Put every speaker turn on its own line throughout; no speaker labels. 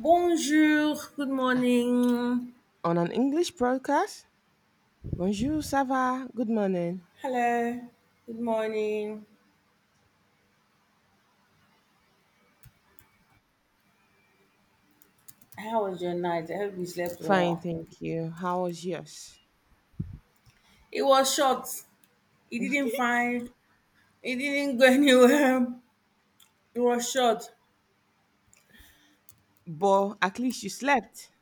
Bonjour, good morning.
On an English broadcast, bonjour, ça va? Good morning.
Hello. Good morning. How was your night? I hope you slept
Fine,
well.
thank you. How was yours?
It was short. It didn't find it didn't go anywhere. It was short.
But at least you slept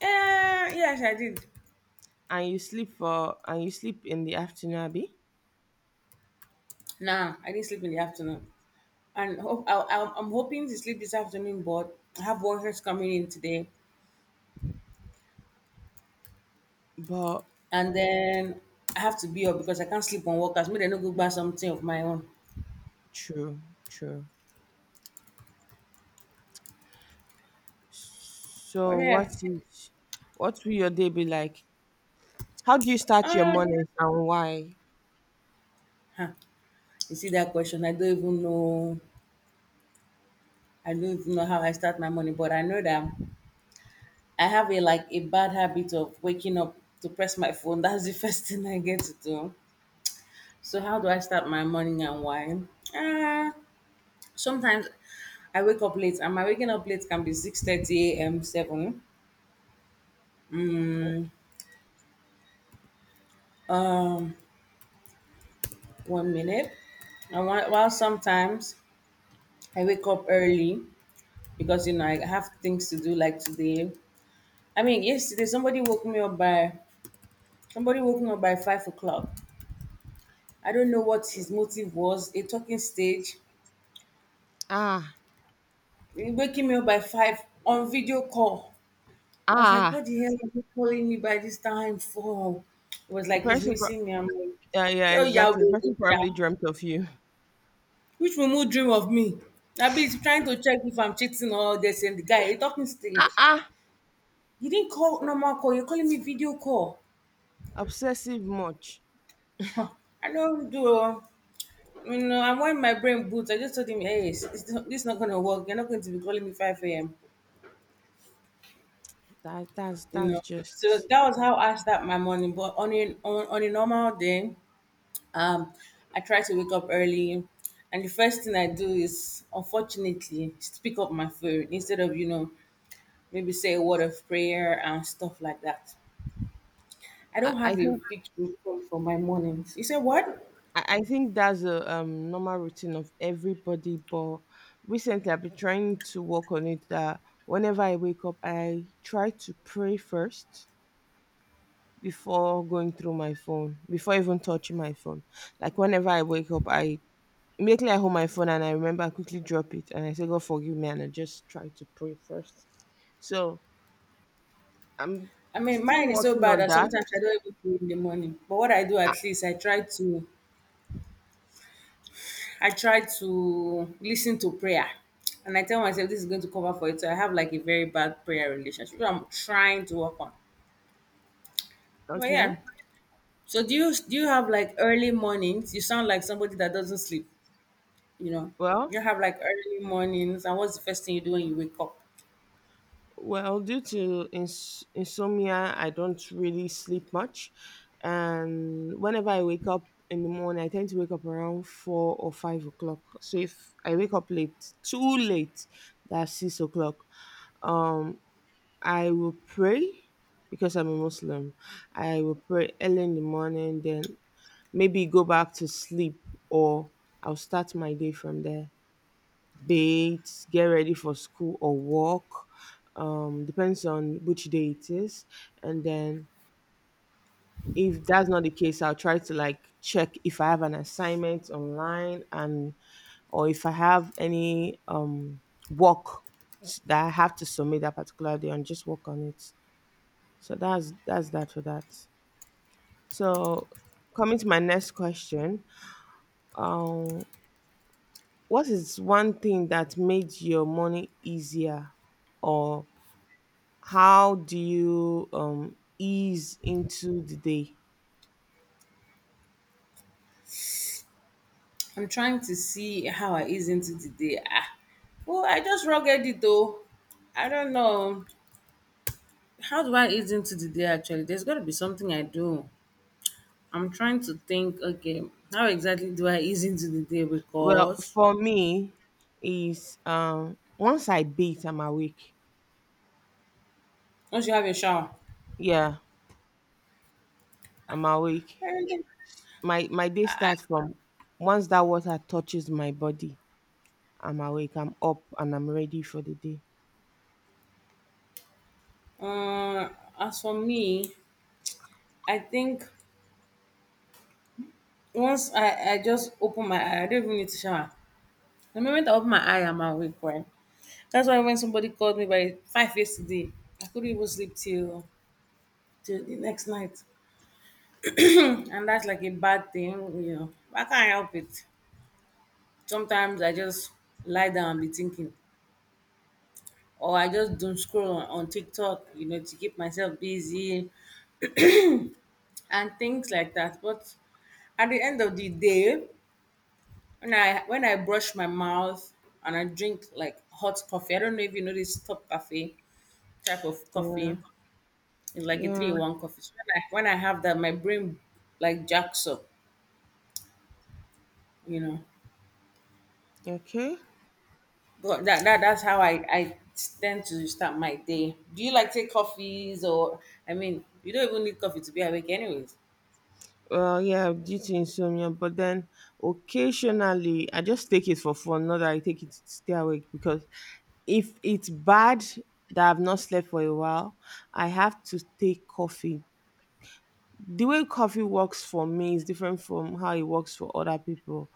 Yes, I did.
and you sleep in the afternoon, Abby.
Nah, I didn't sleep in the afternoon. And hope, I, I'm hoping to sleep this afternoon, but I have workers coming in today.
But
And then I have to be up because I can't sleep on workers. Maybe they no go buy something of my own.
true, true.
But
So
yeah.
what will your day be like? How do you start your
Um,
mornings and why?
huh. You see that question? I don't even know. I don't even know how I start my morning, but I know that I have a like a bad habit of waking up to press my phone. That's the first thing I get to do. So how do I start my morning and why? Uh, Sometimes I wake up late, and my waking up late can be 6:30 a.m. seven. Um, One minute. And while sometimes I wake up early because I have things to do like today. I mean, yesterday somebody woke me up by Somebody woken up by 5 o'clock. I don't know what his motive was, a talking stage.
Ah,
He waking me up by five on video call. I was like,
ah.
what the hell are you calling me by this time for? It was
The
like he's
person, pro-
missing me. I'm like,
yeah, yeah,
oh yeah,
exactly. The person probably dreamt of you.
which mumu dream of me? I be trying to check if I'm cheating or this and the guy, a talking
Ah,
stage.
ah.
You didn't call normal call, you're calling me video call.
Obsessive much.
Huh, I don't do oh. And when my brain boots, I just told him, hey, it's not, this not going to work. You're not going to be calling me 5 a.m.
That that's
You know,
that's
so
just.
that was how I start my morning. But on on a normal day, um, I try to wake up early. And the first thing I do is, unfortunately, is to pick up my food instead of, maybe say a word of prayer and stuff like that. I
I,
don't
I
have a
think
fixed routine for my mornings. You say what?
I think that's a normal routine of everybody, but recently I've been trying to work on it that whenever I wake up, I try to pray first before going through my phone, before even touching my phone. Like whenever I wake up, I immediately I hold my phone and I remember I quickly drop it and I say, God forgive me, and I just try to pray first. So I'm
I mean,
still
mine is so
working
bad
on
that
that.
sometimes I don't even do it in the morning. But what I do at least, I try to listen to prayer. And I tell myself this is going to cover for it. So I have like a very bad prayer relationship, which I'm trying to work on. But
Okay.
yeah. So do you have like early mornings? You sound like somebody that doesn't sleep, you know.
Well,
You have like early mornings and what's the first thing you do when you wake up?
Well, due to insomnia, I don't really sleep much. And whenever I wake up in the morning, I tend to wake up around 4 or 5 o'clock. So if I wake up late, too late, that's 6 o'clock. Um, I will pray because I'm a Muslim. I will pray early in the morning, then maybe go back to sleep, or I'll start my day from there, bathe, get ready for school or work. Depends on which day it is. And then if that's not the case, I'll try to like check if I have an assignment online, and or if I have any work that I have to submit that particular day and just work on it. So that's that for that. So, coming to my next question, um, what is one thing that made your morning easier, or how do you ease into the day?
I'm trying to see how I ease into the day. Ah. Well, I just rugged it though. I don't know. How do I ease into the day actually? There's gotta be something I do. I'm trying to think, okay, how exactly do I ease into the day?
Well,
Because
for me, is once I bathe, I'm awake.
once you have a shower,
Yeah, I'm awake.
everything.
My day
I, I-
starts from once that water touches my body. I'm awake. I'm up and I'm ready for the day.
uh, as for me, I think once I just open my eye, I don't even need to shower. The moment I open my eye, I'm awake, right? That's why when somebody called me by five yesterday, I couldn't even sleep till till the next night, and that's like a bad thing, I can't help it. Sometimes I just lie down and be thinking, or I just doom scroll on TikTok, to keep myself busy and things like that. But at the end of the day, when I brush my mouth and I drink like hot coffee, I don't know if you know this top coffee type of coffee.
Yeah.
It's like a three in
Yeah.
one coffee. So when I have that, my brain like jacks up, you know.
Okay.
But that's how I tend to start my day. Do you like take coffees or I mean, you don't even need coffee to be awake, anyways.
Well, yeah, due to insomnia, but then occasionally I just take it for fun, not that I take it to stay awake, because if it's bad that I've not slept for a while, I have to take coffee. The way coffee works for me is different from how it works for other people.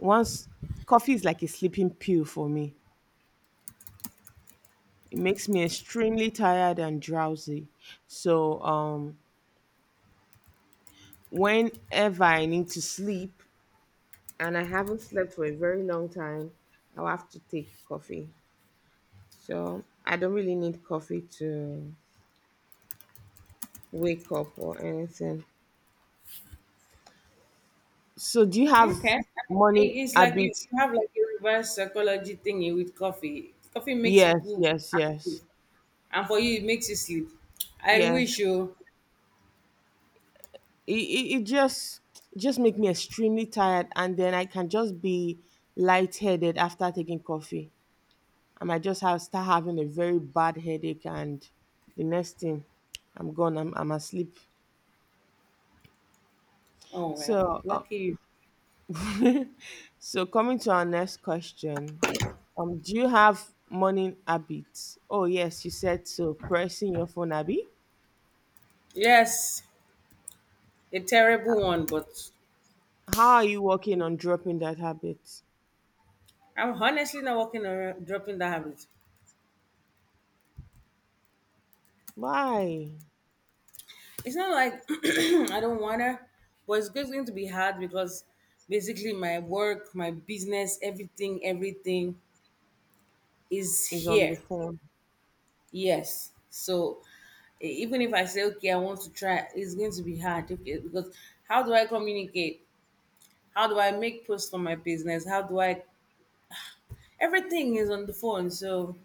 Once Coffee is like a sleeping pill for me. It makes me extremely tired and drowsy. So whenever I need to sleep, and I haven't slept for a very long time, I'll have to take coffee. So I don't really need coffee to wake up or anything. So do you have
Okay.
money
It's like
habits?
you have like a reverse psychology thingy with coffee. Coffee makes
Yes,
people
yes, yes,
active, and for you, it makes you sleep. I
yes.
wish you.
It, it, it just it just make me extremely tired, and then I can just be lightheaded after taking coffee. I might just have start having a very bad headache, and the next thing, I'm gone. I'm asleep.
Oh well,
So
lucky you.
So, coming to our next question, do you have morning habits? Oh yes, you said so. Pressing your phone, Abby.
Yes, a terrible one, but
How are you working on dropping that habit?
I'm honestly not working on dropping that habit.
Why
It's not like I don't wanna, but it's just going to be hard because basically my work, my business, everything is
is on the
here.
phone?
Yes. So E- even if I say, okay, I want to try, it's going to be hard. Okay, because how do I communicate? How do I make posts for my business? How do I? Everything is on the phone. So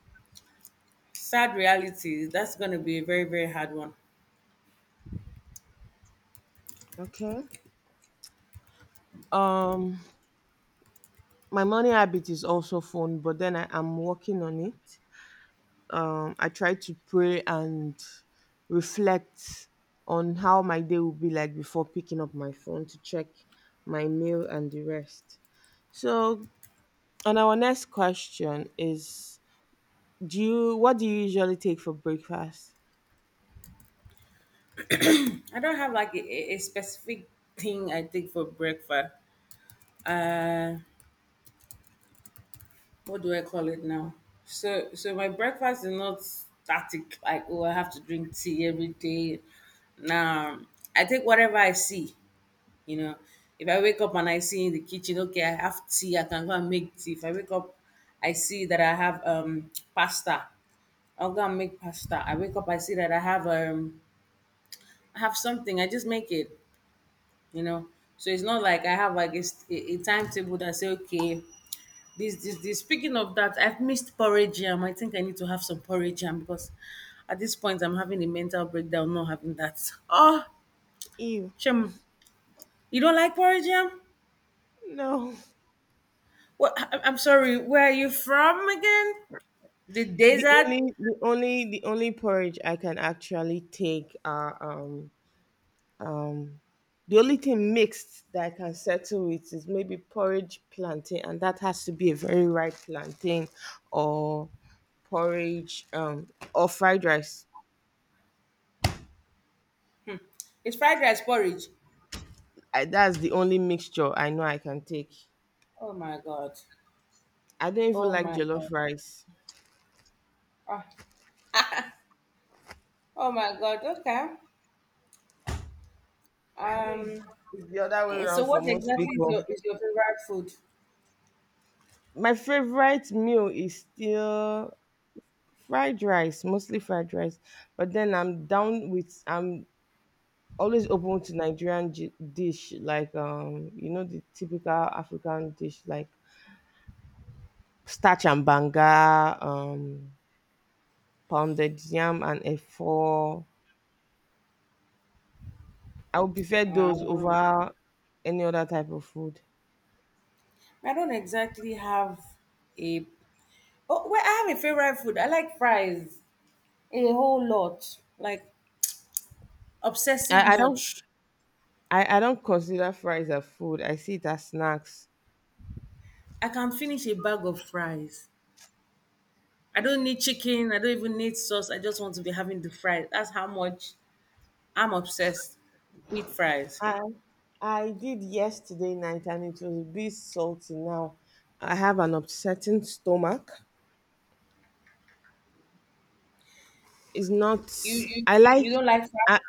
sad reality. That's going to be a very hard one.
Okay. Um, my morning habit is also phone, but then I am working on it. I try to pray and reflect on how my day will be like before picking up my phone to check my mail and the rest. So, and our next question is, do you what do you usually take for breakfast?
I don't have like a a specific thing I take for breakfast. What do I call it now? So my breakfast is not static. Like oh, I have to drink tea every day. Now I take whatever I see. You know, if I wake up and I see in the kitchen, okay, I have tea, I can go and make tea. If I wake up, I see that I have pasta, I'll go and make pasta. I wake up, I see that I have something, I just make it. You know, so it's not like I have like a timetable that say okay. This. Speaking of that, I've missed porridge jam. I think I need to have some porridge jam because at this point I'm having a mental breakdown not having that. Oh,
Ew.
Shem, you don't like porridge jam?
No.
Well, I'm sorry, where are you from again? The
The
desert?
only the only the only porridge I can actually take are the only thing mixed that I can settle with is maybe porridge plantain, and that has to be a very ripe plantain, or porridge or fried rice.
It's fried rice porridge.
That's the only mixture I know I can take.
Oh my god.
I don't even
Oh
like
my
jollof
god.
rice.
Ah, Oh, my god. Okay.
I know it's,
Um.
it's the other way
So,
around
what
for most
exactly is
people.
your favorite food?
My favorite meal is still fried rice, mostly fried rice. But then I'm down with I'm always open to Nigerian dish, like the typical African dish, like starch and banga, pounded yam and efo. I would prefer those
Um,
over any other type of food.
I don't exactly have a. Oh, well, I have a favorite food. I like fries a whole lot. Like obsessive
I, I don't
much.
I don't consider fries as food. I see it as snacks.
I can finish a bag of fries. I don't need chicken. I don't even need sauce. I just want to be having the fries. That's how much I'm obsessed with fries.
I I did yesterday night and it was a bit salty now. I have an upsetting stomach. It's not
You you
I
you
like
don't like fries?
I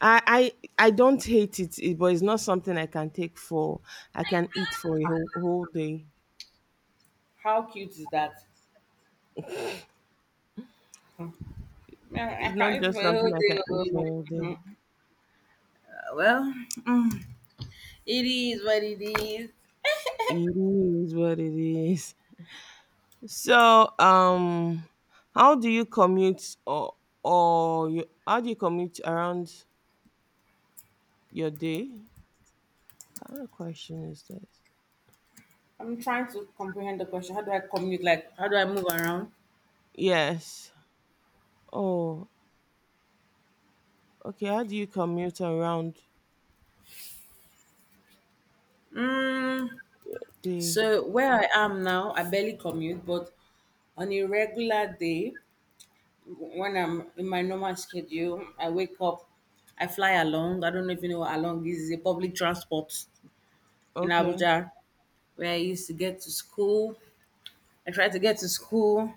I I I don't hate it, but it's not something I can take for I can eat for a whole, whole day.
How cute is that? Man,
It's
I
not
can eat
just
for a whole
something I can
day.
eat for
Oh.
a whole day.
Mhm. Uh, Well, mm, it is what it is.
It is what it is. So, how do you commute or how do you commute around your day? What kind of question is this?
I'm trying to comprehend the question. How do I commute? Like, how do I move around?
Yes. Oh, okay. How do you commute around
Mm,
the?
so where I am now, I barely commute, but on a regular day, when I'm in my normal schedule, I wake up, I fly along. I don't know if you know what along is. It's a public transport in
Okay.
Abuja where I used to get to school. I try to get to school,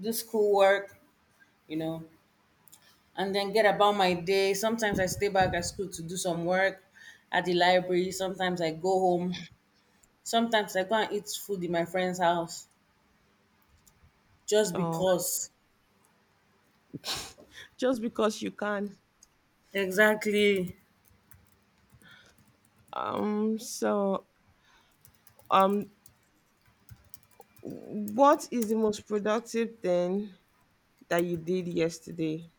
do school work, you know, and then get about my day. Sometimes I stay back at school to do some work at the library. Sometimes I go home. Sometimes I go and eat food in my friend's house just
Oh,
because.
just because you can.
Exactly.
So, um, what is the most productive thing that you did yesterday?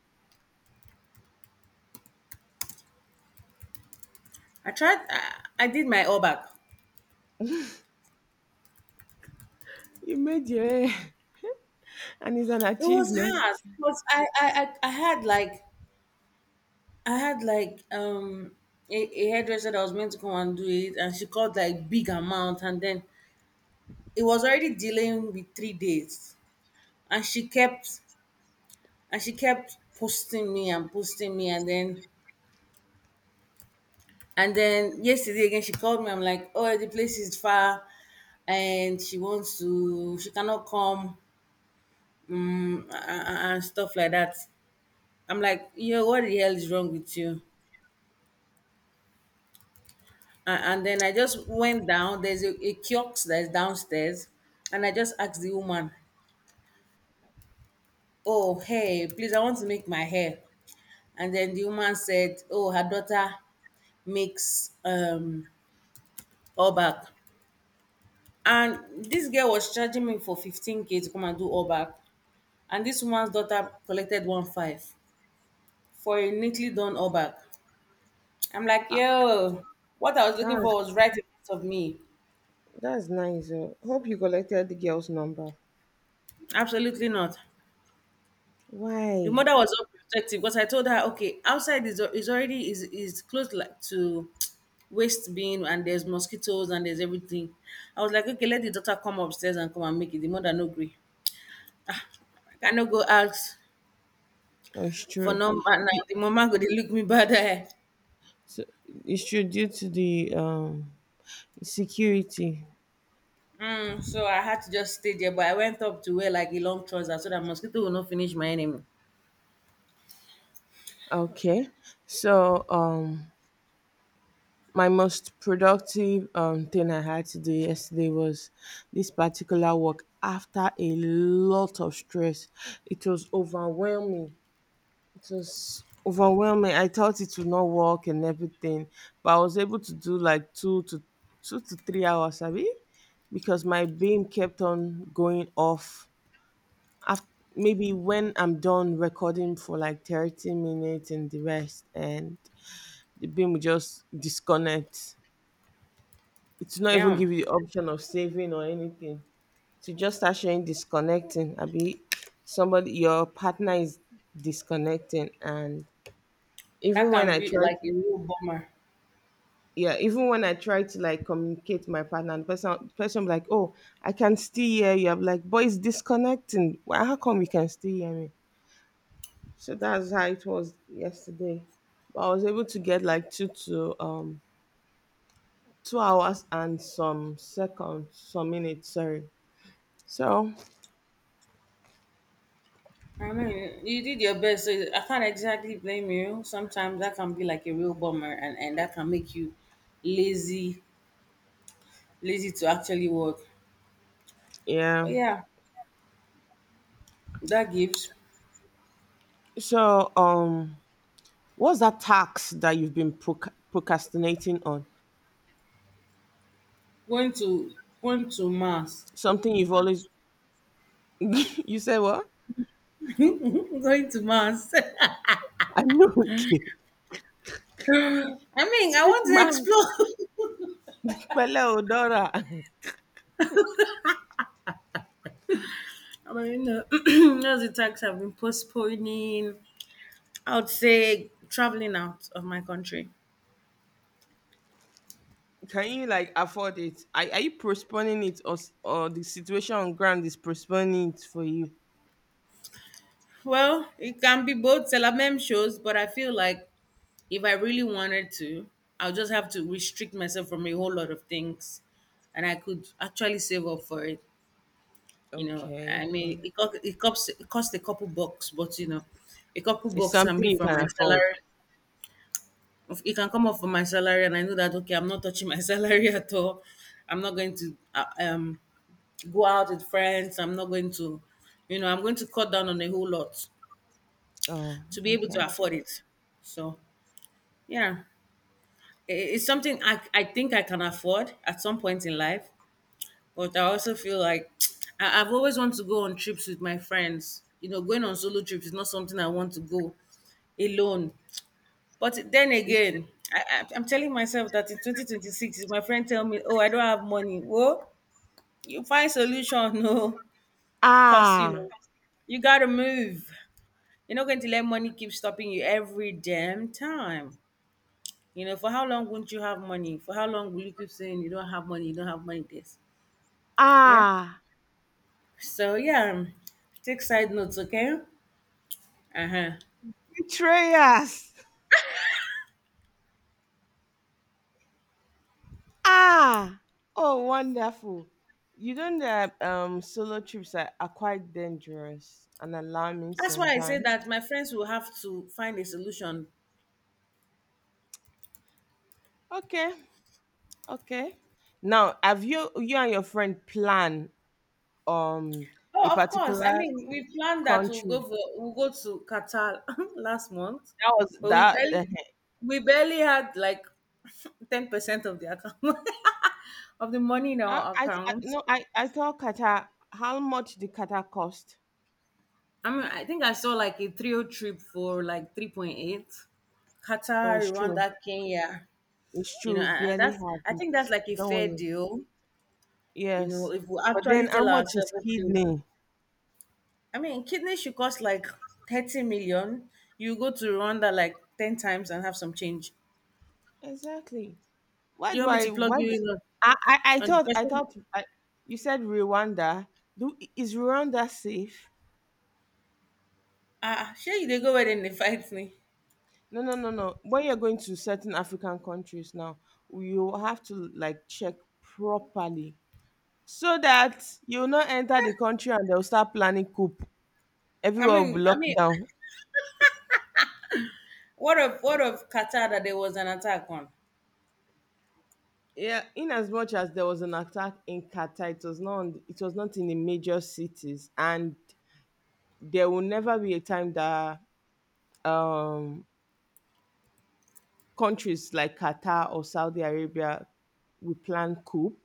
I tried, I did my all back.
You made your hair, and it's an
It was
achievement.
hard because I had like I had like um a hairdresser that was meant to come and do it and she called like big amount and then it was already delaying with three days and she kept posting me and then yesterday again she called me. I'm like oh the place is far and she wants to she cannot come and stuff like that. I'm like yo what the hell is wrong with you. A- and then I just went down. There's a kiosk that's downstairs, and I just asked the woman, "Oh, hey, please, I want to make my hair." And then the woman said, "Oh, her daughter makes all back." And this girl was charging me for 15K to come and do all back, and this woman's daughter collected one five for a neatly done all back. I'm like,
Ah,
yo, what I was looking
That's
for was right in front of me.
that's nice. Oh, hope you collected the girl's number.
Absolutely not. The
Why?
mother was all protective because I told her, okay, outside is, al- is close like to waste bin and there's mosquitoes and there's everything. I was like, okay, let the daughter come upstairs and come and make it. The mother no agree. Ah, I cannot go out
Oh, it's
for
true.
number now.
Du-
The mama go they look me bad eye.
so- It's true, due to the security.
So I had to just stay there, but I went up to wear like a long trouser so that mosquito will not finish my enemy.
Okay. So, my most productive thing I had to do yesterday was this particular work after a lot of stress. It was overwhelming. It was overwhelming. I thought it would not work and everything, but I was able to do like two to three hours, abi? Because my beam kept on going off. After, maybe when I'm done recording for like 30 minutes and the rest, and the bin will just disconnect. It will not even
Damn,
give you the option of saving or anything. So just start showing disconnecting. I be somebody your partner is disconnecting, and
that
even when
can
I
be
try
like
to
a real bomber.
yeah, even when I try to like communicate with my partner, and the person be like, oh, I can still hear you. I'm like, boy, it's disconnecting. Why How come you can still hear me? So that's how it was yesterday. But I was able to get like two to 2 hours and some seconds, some minutes, sorry. So
I mean, you did your best, so I can't exactly blame you. Sometimes that can be like a real bummer, and that can make you lazy, lazy to actually work. But
yeah.
yeah, that gives
So what's that tax that you've been procrastinating on?
going to going to mass,
Something you've always you said what?
going to mass.
I know, okay.
I mean, I
Which
want to
man?
explore.
Pele Odora.
I mean, those attacks have been postponing. I would say traveling out of my country.
Can you like afford it? Are you postponing it, or the situation on ground is postponing it for you?
Well, it can be both Telamem shows, but I feel like if I really wanted to, I'll just have to restrict myself from a whole lot of things, and I could actually save up for it. You know,
Okay,
I
okay.
mean, it costs a couple bucks, but a couple
It's
bucks can
something
be
you
from
can
my
afford.
salary. If it can come off from my salary, and I know that okay, I'm not touching my salary at all. I'm not going to go out with friends. I'm not going to, you know, I'm going to cut down on a whole lot
Oh,
to be able to
okay.
afford it. So yeah. It's something I think I can afford at some point in life, but I also feel like I've always wanted to go on trips with my friends. You know, going on solo trips is not something I want to go alone. But then again, I'm telling myself that in 2026, if my friend tell me, "Oh, I don't have money," well, you find solution, no, cause you
Ah,
know you gotta move. You're not going to let money keep stopping you every damn time. You know, for how long won't you have money? For how long will you keep saying you don't have money, you don't have money this? Yeah.
ah.
So yeah, take side notes, okay? Uh-huh.
Betrayers. Ah, oh, wonderful. You know that solo trips are quite dangerous and alarming
That's why I say
sometimes.
that my friends will have to find a solution.
Okay, okay. Now, have you you and your friend plan um a
Oh, of course. I
particular
mean, we planned that
country?
we'll go to Qatar last month,
That was
but we
that.
barely
The,
we barely had like 10% of the account of the money in our
I-
account.
no, I thought Qatar. How much did Qatar cost?
I mean, I think I saw like a trio trip for like 3.8,
Oh,
Qatar,
it's true.
Rwanda, Kenya,
It's
you know,
true. We barely have
I
it.
think that's like a
Don't
fair
worry.
deal, you know,
Yes,
if we
but
actually
then how
tell
much is
ourselves, okay,
kidney?
kidney should cost like 30 million. You go to Rwanda like 10 times and have some change.
Exactly. Why
You
do
want me to
I?
plug you in
I
on the
thought. I
person?
thought you said Rwanda? Do is Rwanda safe?
Ah, sure, you they go where then they fight me.
No, no, no, no. When you're going to certain African countries now, you have to like check properly, so that you'll not enter the country and they'll start planning coup.
I
Everywhere will be
mean, I
locked
mean,
down.
what of Qatar that there was an attack on?
Yeah, in as much as there was an attack in Qatar, it was not in the major cities, and there will never be a time that um countries like Qatar or Saudi Arabia will plan coup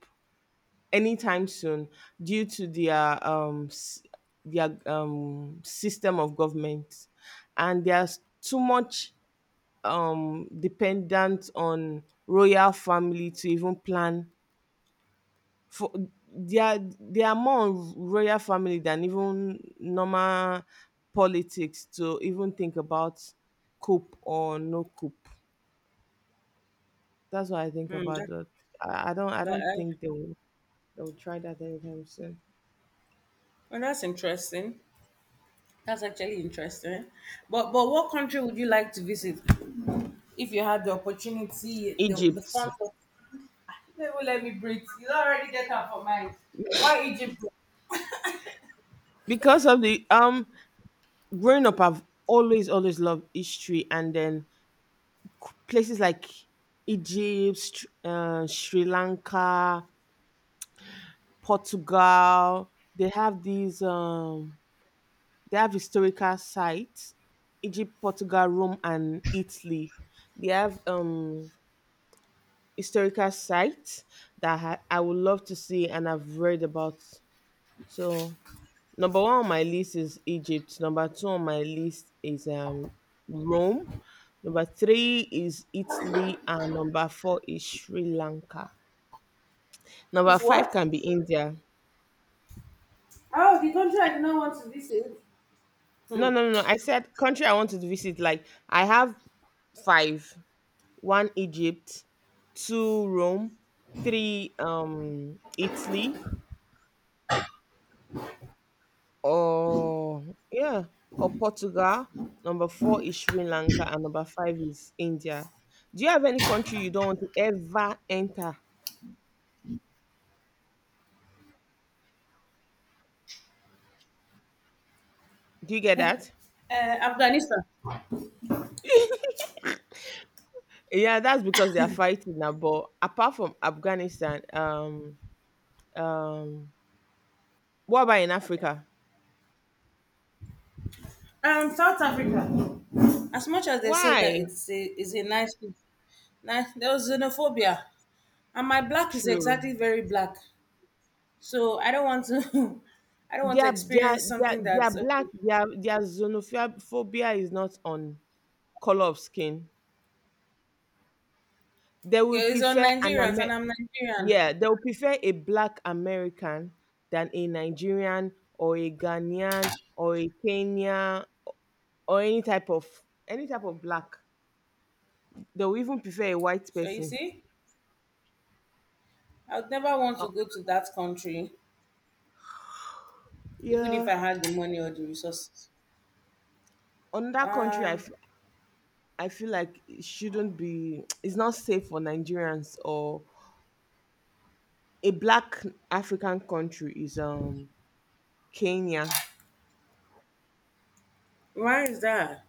anytime soon, due to their system of government, and there's too much dependent on royal family to even plan for. They are more on royal family than even normal politics to even think about coup or no coup. That's what I think
Hmm,
about that. I, I don't I
that,
don't
uh,
think they will try that anytime soon.
well, that's interesting. That's actually interesting. But what country would you like to visit if you had the opportunity, the
Egypt.
funds? For- They will let me breathe. You already get up for mine. Why Egypt?
Because of the Growing up, I've always always loved history, and then places like Egypt, Sri Lanka, Portugal, they have these they have historical sites. Egypt, Portugal, Rome and Italy. They have historical sites that I would love to see and I've read about. So, number one on my list is Egypt. Number two on my list is Rome. Number three is Italy, and number four is Sri Lanka. Number
It's
five
what?
can be India.
Oh, the country I do not want to visit. Hmm.
No, no, no, no. I said country I want to visit. Like, I have five: one Egypt, two Rome, three Italy, or yeah, or Portugal. Number four is Sri Lanka, and number five is India. Do you have any country you don't want to ever enter? Do you get that?
Afghanistan.
Yeah, that's because they are fighting now. But apart from Afghanistan, um, what about in
Okay.
Africa?
South Africa. As much as they say that
Why?
it's a is a nice, nice, there was xenophobia, and my black is
True.
exactly very black, so I don't want to, I don't want to experience something that's
Their black
okay.
their xenophobia is not on color of skin. They will
Okay, it's on
prefer an
Nigerians, and
Amer-
I'm Nigerian.
yeah, they'll prefer a black American than a Nigerian or a Ghanaian or a Kenyan or any type of black. They'll even prefer a white
So you
person.
see, I would never want
Uh,
to go to that country, even if
yeah,
I had the money or the resources.
on that country,
Um,
I feel like it shouldn't be. It's not safe for Nigerians or a black African country is Kenya.
Why is that?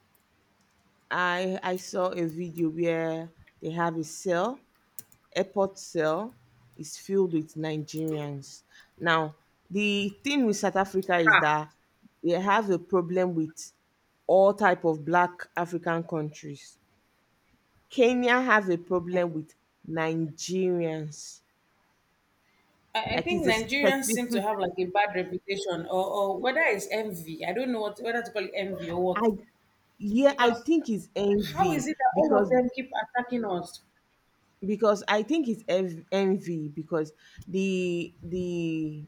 I saw a video where they have a cell airport cell is filled with Nigerians. Now, the thing with South Africa is that they have a problem with all type of black African countries. Kenya have a problem with Nigerians.
I
Like
think
it's a
Nigerians seem to
specific
have like a bad reputation, or whether it's envy. I don't know what whether to call it envy or what.
I yeah, I
Because
think it's
how is
envy
it that all of
because
them keep attacking us?
because I think it's env- envy because the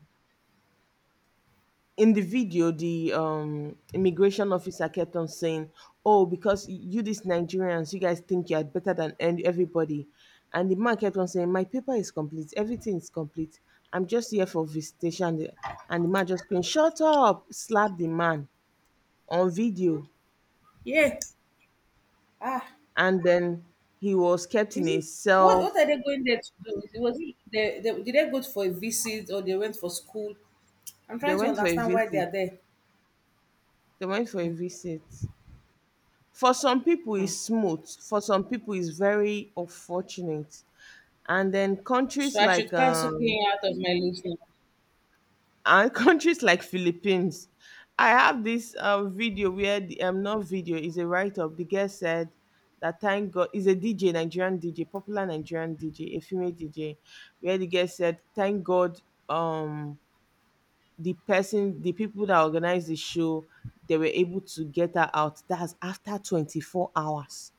in the video, the immigration officer kept on saying, "Oh, because you these Nigerians, you guys think you are better than everybody," and the man kept on saying, "My paper is complete. Everything is complete. I'm just here for visitation." And the man just screamed, "Shut up!" Slapped the man on video,
Yeah. Ah,
and then he was kept in
is
a
it?
cell.
What are they going there to do? Is it? Was it they, did they go for a visit or they went for school? I'm
They
trying to
went for a
understand why they
visit.
are there.
They went for a visit. For some people,
Hmm.
it's smooth. For some people, it's very unfortunate. And then
So
countries
I
like
should cancel paying out of my list now.
and countries like Philippines, I have this video where the not video, is a write-up. The guest said that thank God is a DJ, Nigerian DJ, popular Nigerian DJ, a female DJ, where the guest said thank God, um the person, the people that organized the show, they were able to get her out, that's after 24 hours.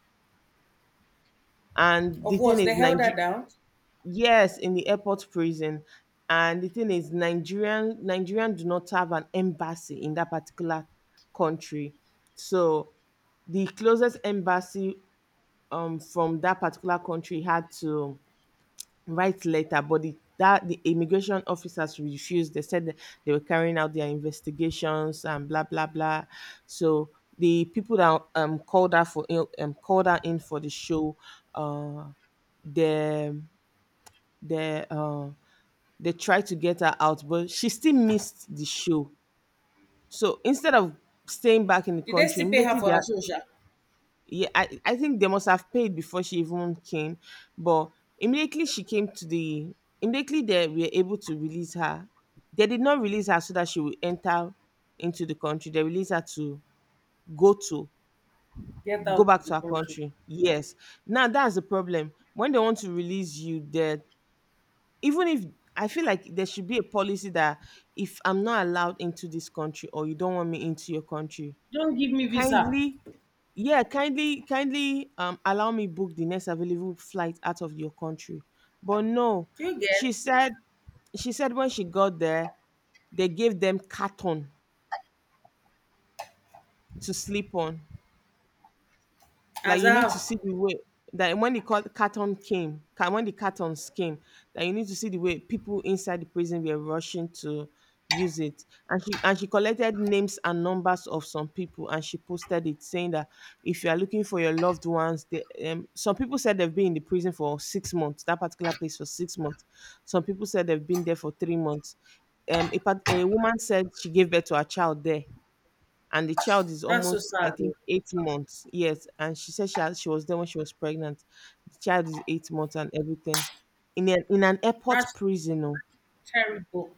And the
Of
thing
what? They
is
held her
Nigeria.
down?
Yes, in the airport prison. And the thing is, Nigerian do not have an embassy in that particular country. So the closest embassy from that particular country had to write letter, but the immigration officers refused. They said that they were carrying out their investigations and blah blah blah. So the people that called her for called her in for the show, uh, the the uh they tried to get her out, but she still missed the show. So instead of staying back in the
Did they
country,
still pay her
immediately
for
they
her
are,
social?
yeah, I think they must have paid before she even came. But immediately she came to the immediately they were able to release her. They did not release her so that she would enter into the country. They released her to go to
Get
go
out
back
of the
to her
country.
country. Yes. Now that's the problem. When they want to release you, they even if I feel like there should be a policy that if I'm not allowed into this country or you don't want me into your country,
Don't give me visa.
kindly, yeah, kindly, kindly, allow me book the next available flight out of your country. But no,
Do you
she
get?
said she said when she got there, they gave them carton to sleep on. Like
As
you
I
need to
have.
see the way that when the cartons came, that you need to see the way people inside the prison were rushing to use it. And she collected names and numbers of some people, and she posted it saying that if you are looking for your loved ones, some people said they've been in the prison for 6 months, that particular place for 6 months. Some people said they've been there for 3 months. A woman said she gave birth to her child there and the child is
That's so
almost, I
sad though.
think, 8 months. Yes. And she said she was there when she was pregnant. The child is 8 months and everything in an airport
That's
prison. Oh,
terrible.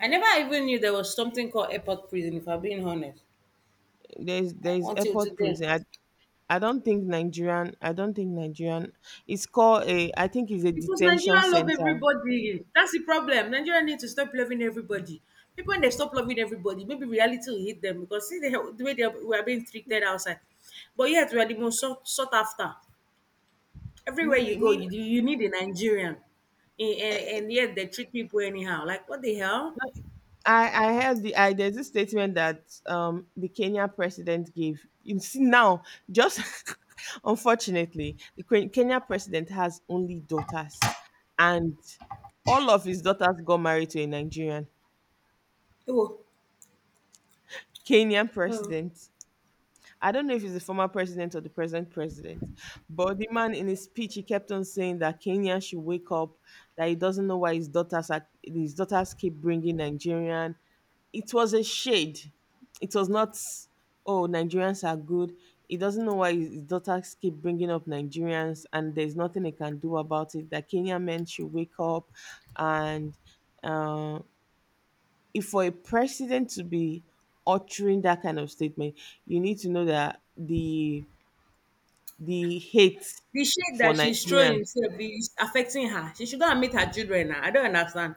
I never even knew there was something called airport prison, if I'm being honest,
there's
eh,
there's
until
airport
today.
prison. I don't think Nigerian, it's called a, I think it's a
Because
detention
Nigeria love
center.
everybody. That's the problem. Nigeria need to stop loving everybody. People, when they stop loving everybody, maybe reality will hit them because see the way they are, we are being treated outside. But yet, we are the most sought, sought after. Everywhere
Me
you go,
me
you need a Nigerian. And yet, they treat people anyhow. Like, what the hell?
I heard the there's a statement that the Kenyan president gave. You see now, just unfortunately, the Kenya president has only daughters. And all of his daughters got married to a Nigerian,
Oh,
Kenyan
oh.
president. I don't know if he's the former president or the present president, but the man in his speech he kept on saying that Kenya should wake up, that he doesn't know why his daughters keep bringing Nigerian. It was a shade. It was not oh Nigerians are good. He doesn't know why his daughters keep bringing up Nigerians, and there's nothing he can do about it. That Kenyan men should wake up, and uh, if for a president to be uttering that kind of statement, you need to know that the hate
The shade
for
that she's throwing
Nigerians.
itself is affecting her. She should go and meet her children now. I don't understand.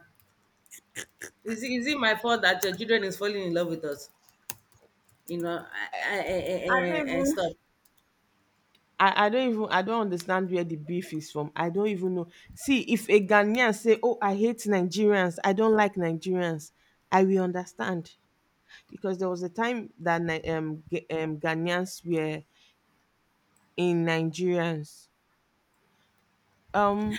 Is it my fault that your children is falling in love with us? You know, I I,
I don't
I, I, I
even
stop.
I don't even I don't understand where the beef is from. I don't even know. See, if a Ghanaian say, oh, I hate Nigerians, I don't like Nigerians, I will understand. Because there was a time that Ghanaians were in Nigerians. Um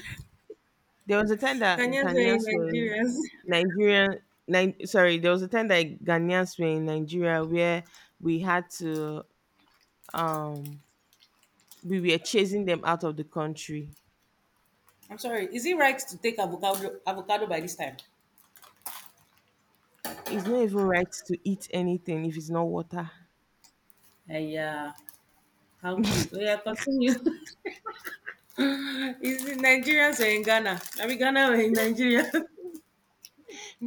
There was a time that
Kenyans were in
Ghanaians were in
Nigerians.
Nigeria. Sorry, there was a time that Ghanaians were in Nigeria where we had to um we were chasing them out of the country.
I'm sorry. Is it right to take avocado by this time?
It's not even right to eat anything if it's not water.
Yeah, how cute. Oh yeah, continue. Is it Nigerians or in Ghana? Are we Ghana or in Nigeria?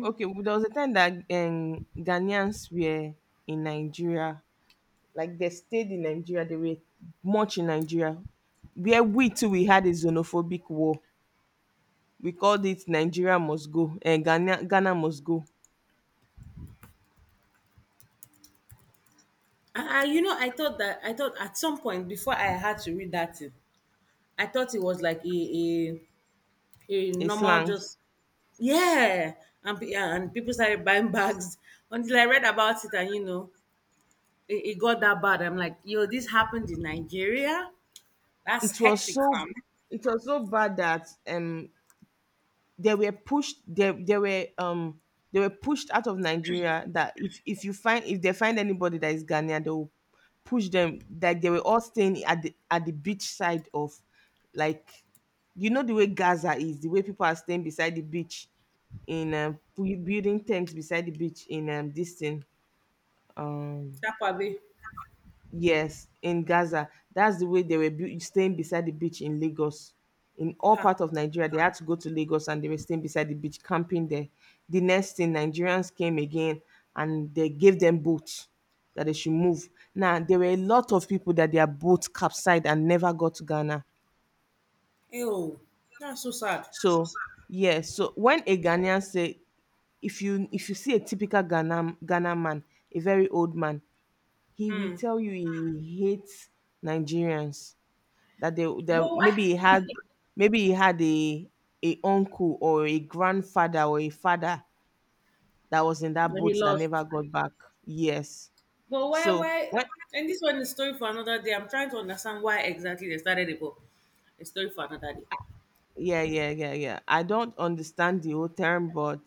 Okay, well, there was a time that Ghanaians were in Nigeria. Like they stayed in Nigeria, they were much in Nigeria. Where we too we had a xenophobic war. We called it Nigeria must go and Ghana must go.
Ah, you know, I thought at some point before I had to read that thing, I thought it was like a
A
normal
slangs.
just, yeah, and people started buying bags until I read about it, and you know, it got that bad. I'm like, yo, this happened in Nigeria. That's
It was
hectic,
so
fam.
it was so bad that they were pushed they, they were um they were pushed out of Nigeria that if you find if they find anybody that is Ghanaian they will push them, that they were all staying at the beach side of, like, you know the way Gaza is, the way people are staying beside the beach in building tents beside the beach in this thing um
That probably,
yes, in Gaza. That's the way they were staying beside the beach in Lagos. In all
ha,
part of Nigeria, they had to go to Lagos and they were staying beside the beach, camping there. The next thing, Nigerians came again and they gave them boats that they should move. Now, there were a lot of people that their boats capsized and never got to Ghana.
ew, that's so sad.
So, yes, so when a Ghanaian say, if you see a typical Ghana man, a very old man, he will tell you he hates Nigerians, that they
But
that
why?
maybe he had maybe he had a a uncle or a grandfather or a father that was in that
But he
boat that never
lost.
got back. Yes.
But why?
So
Why?
when
And this one is story for another day. I'm trying to understand why exactly they started it, but a story for another day.
yeah yeah yeah yeah I don't understand the whole term, but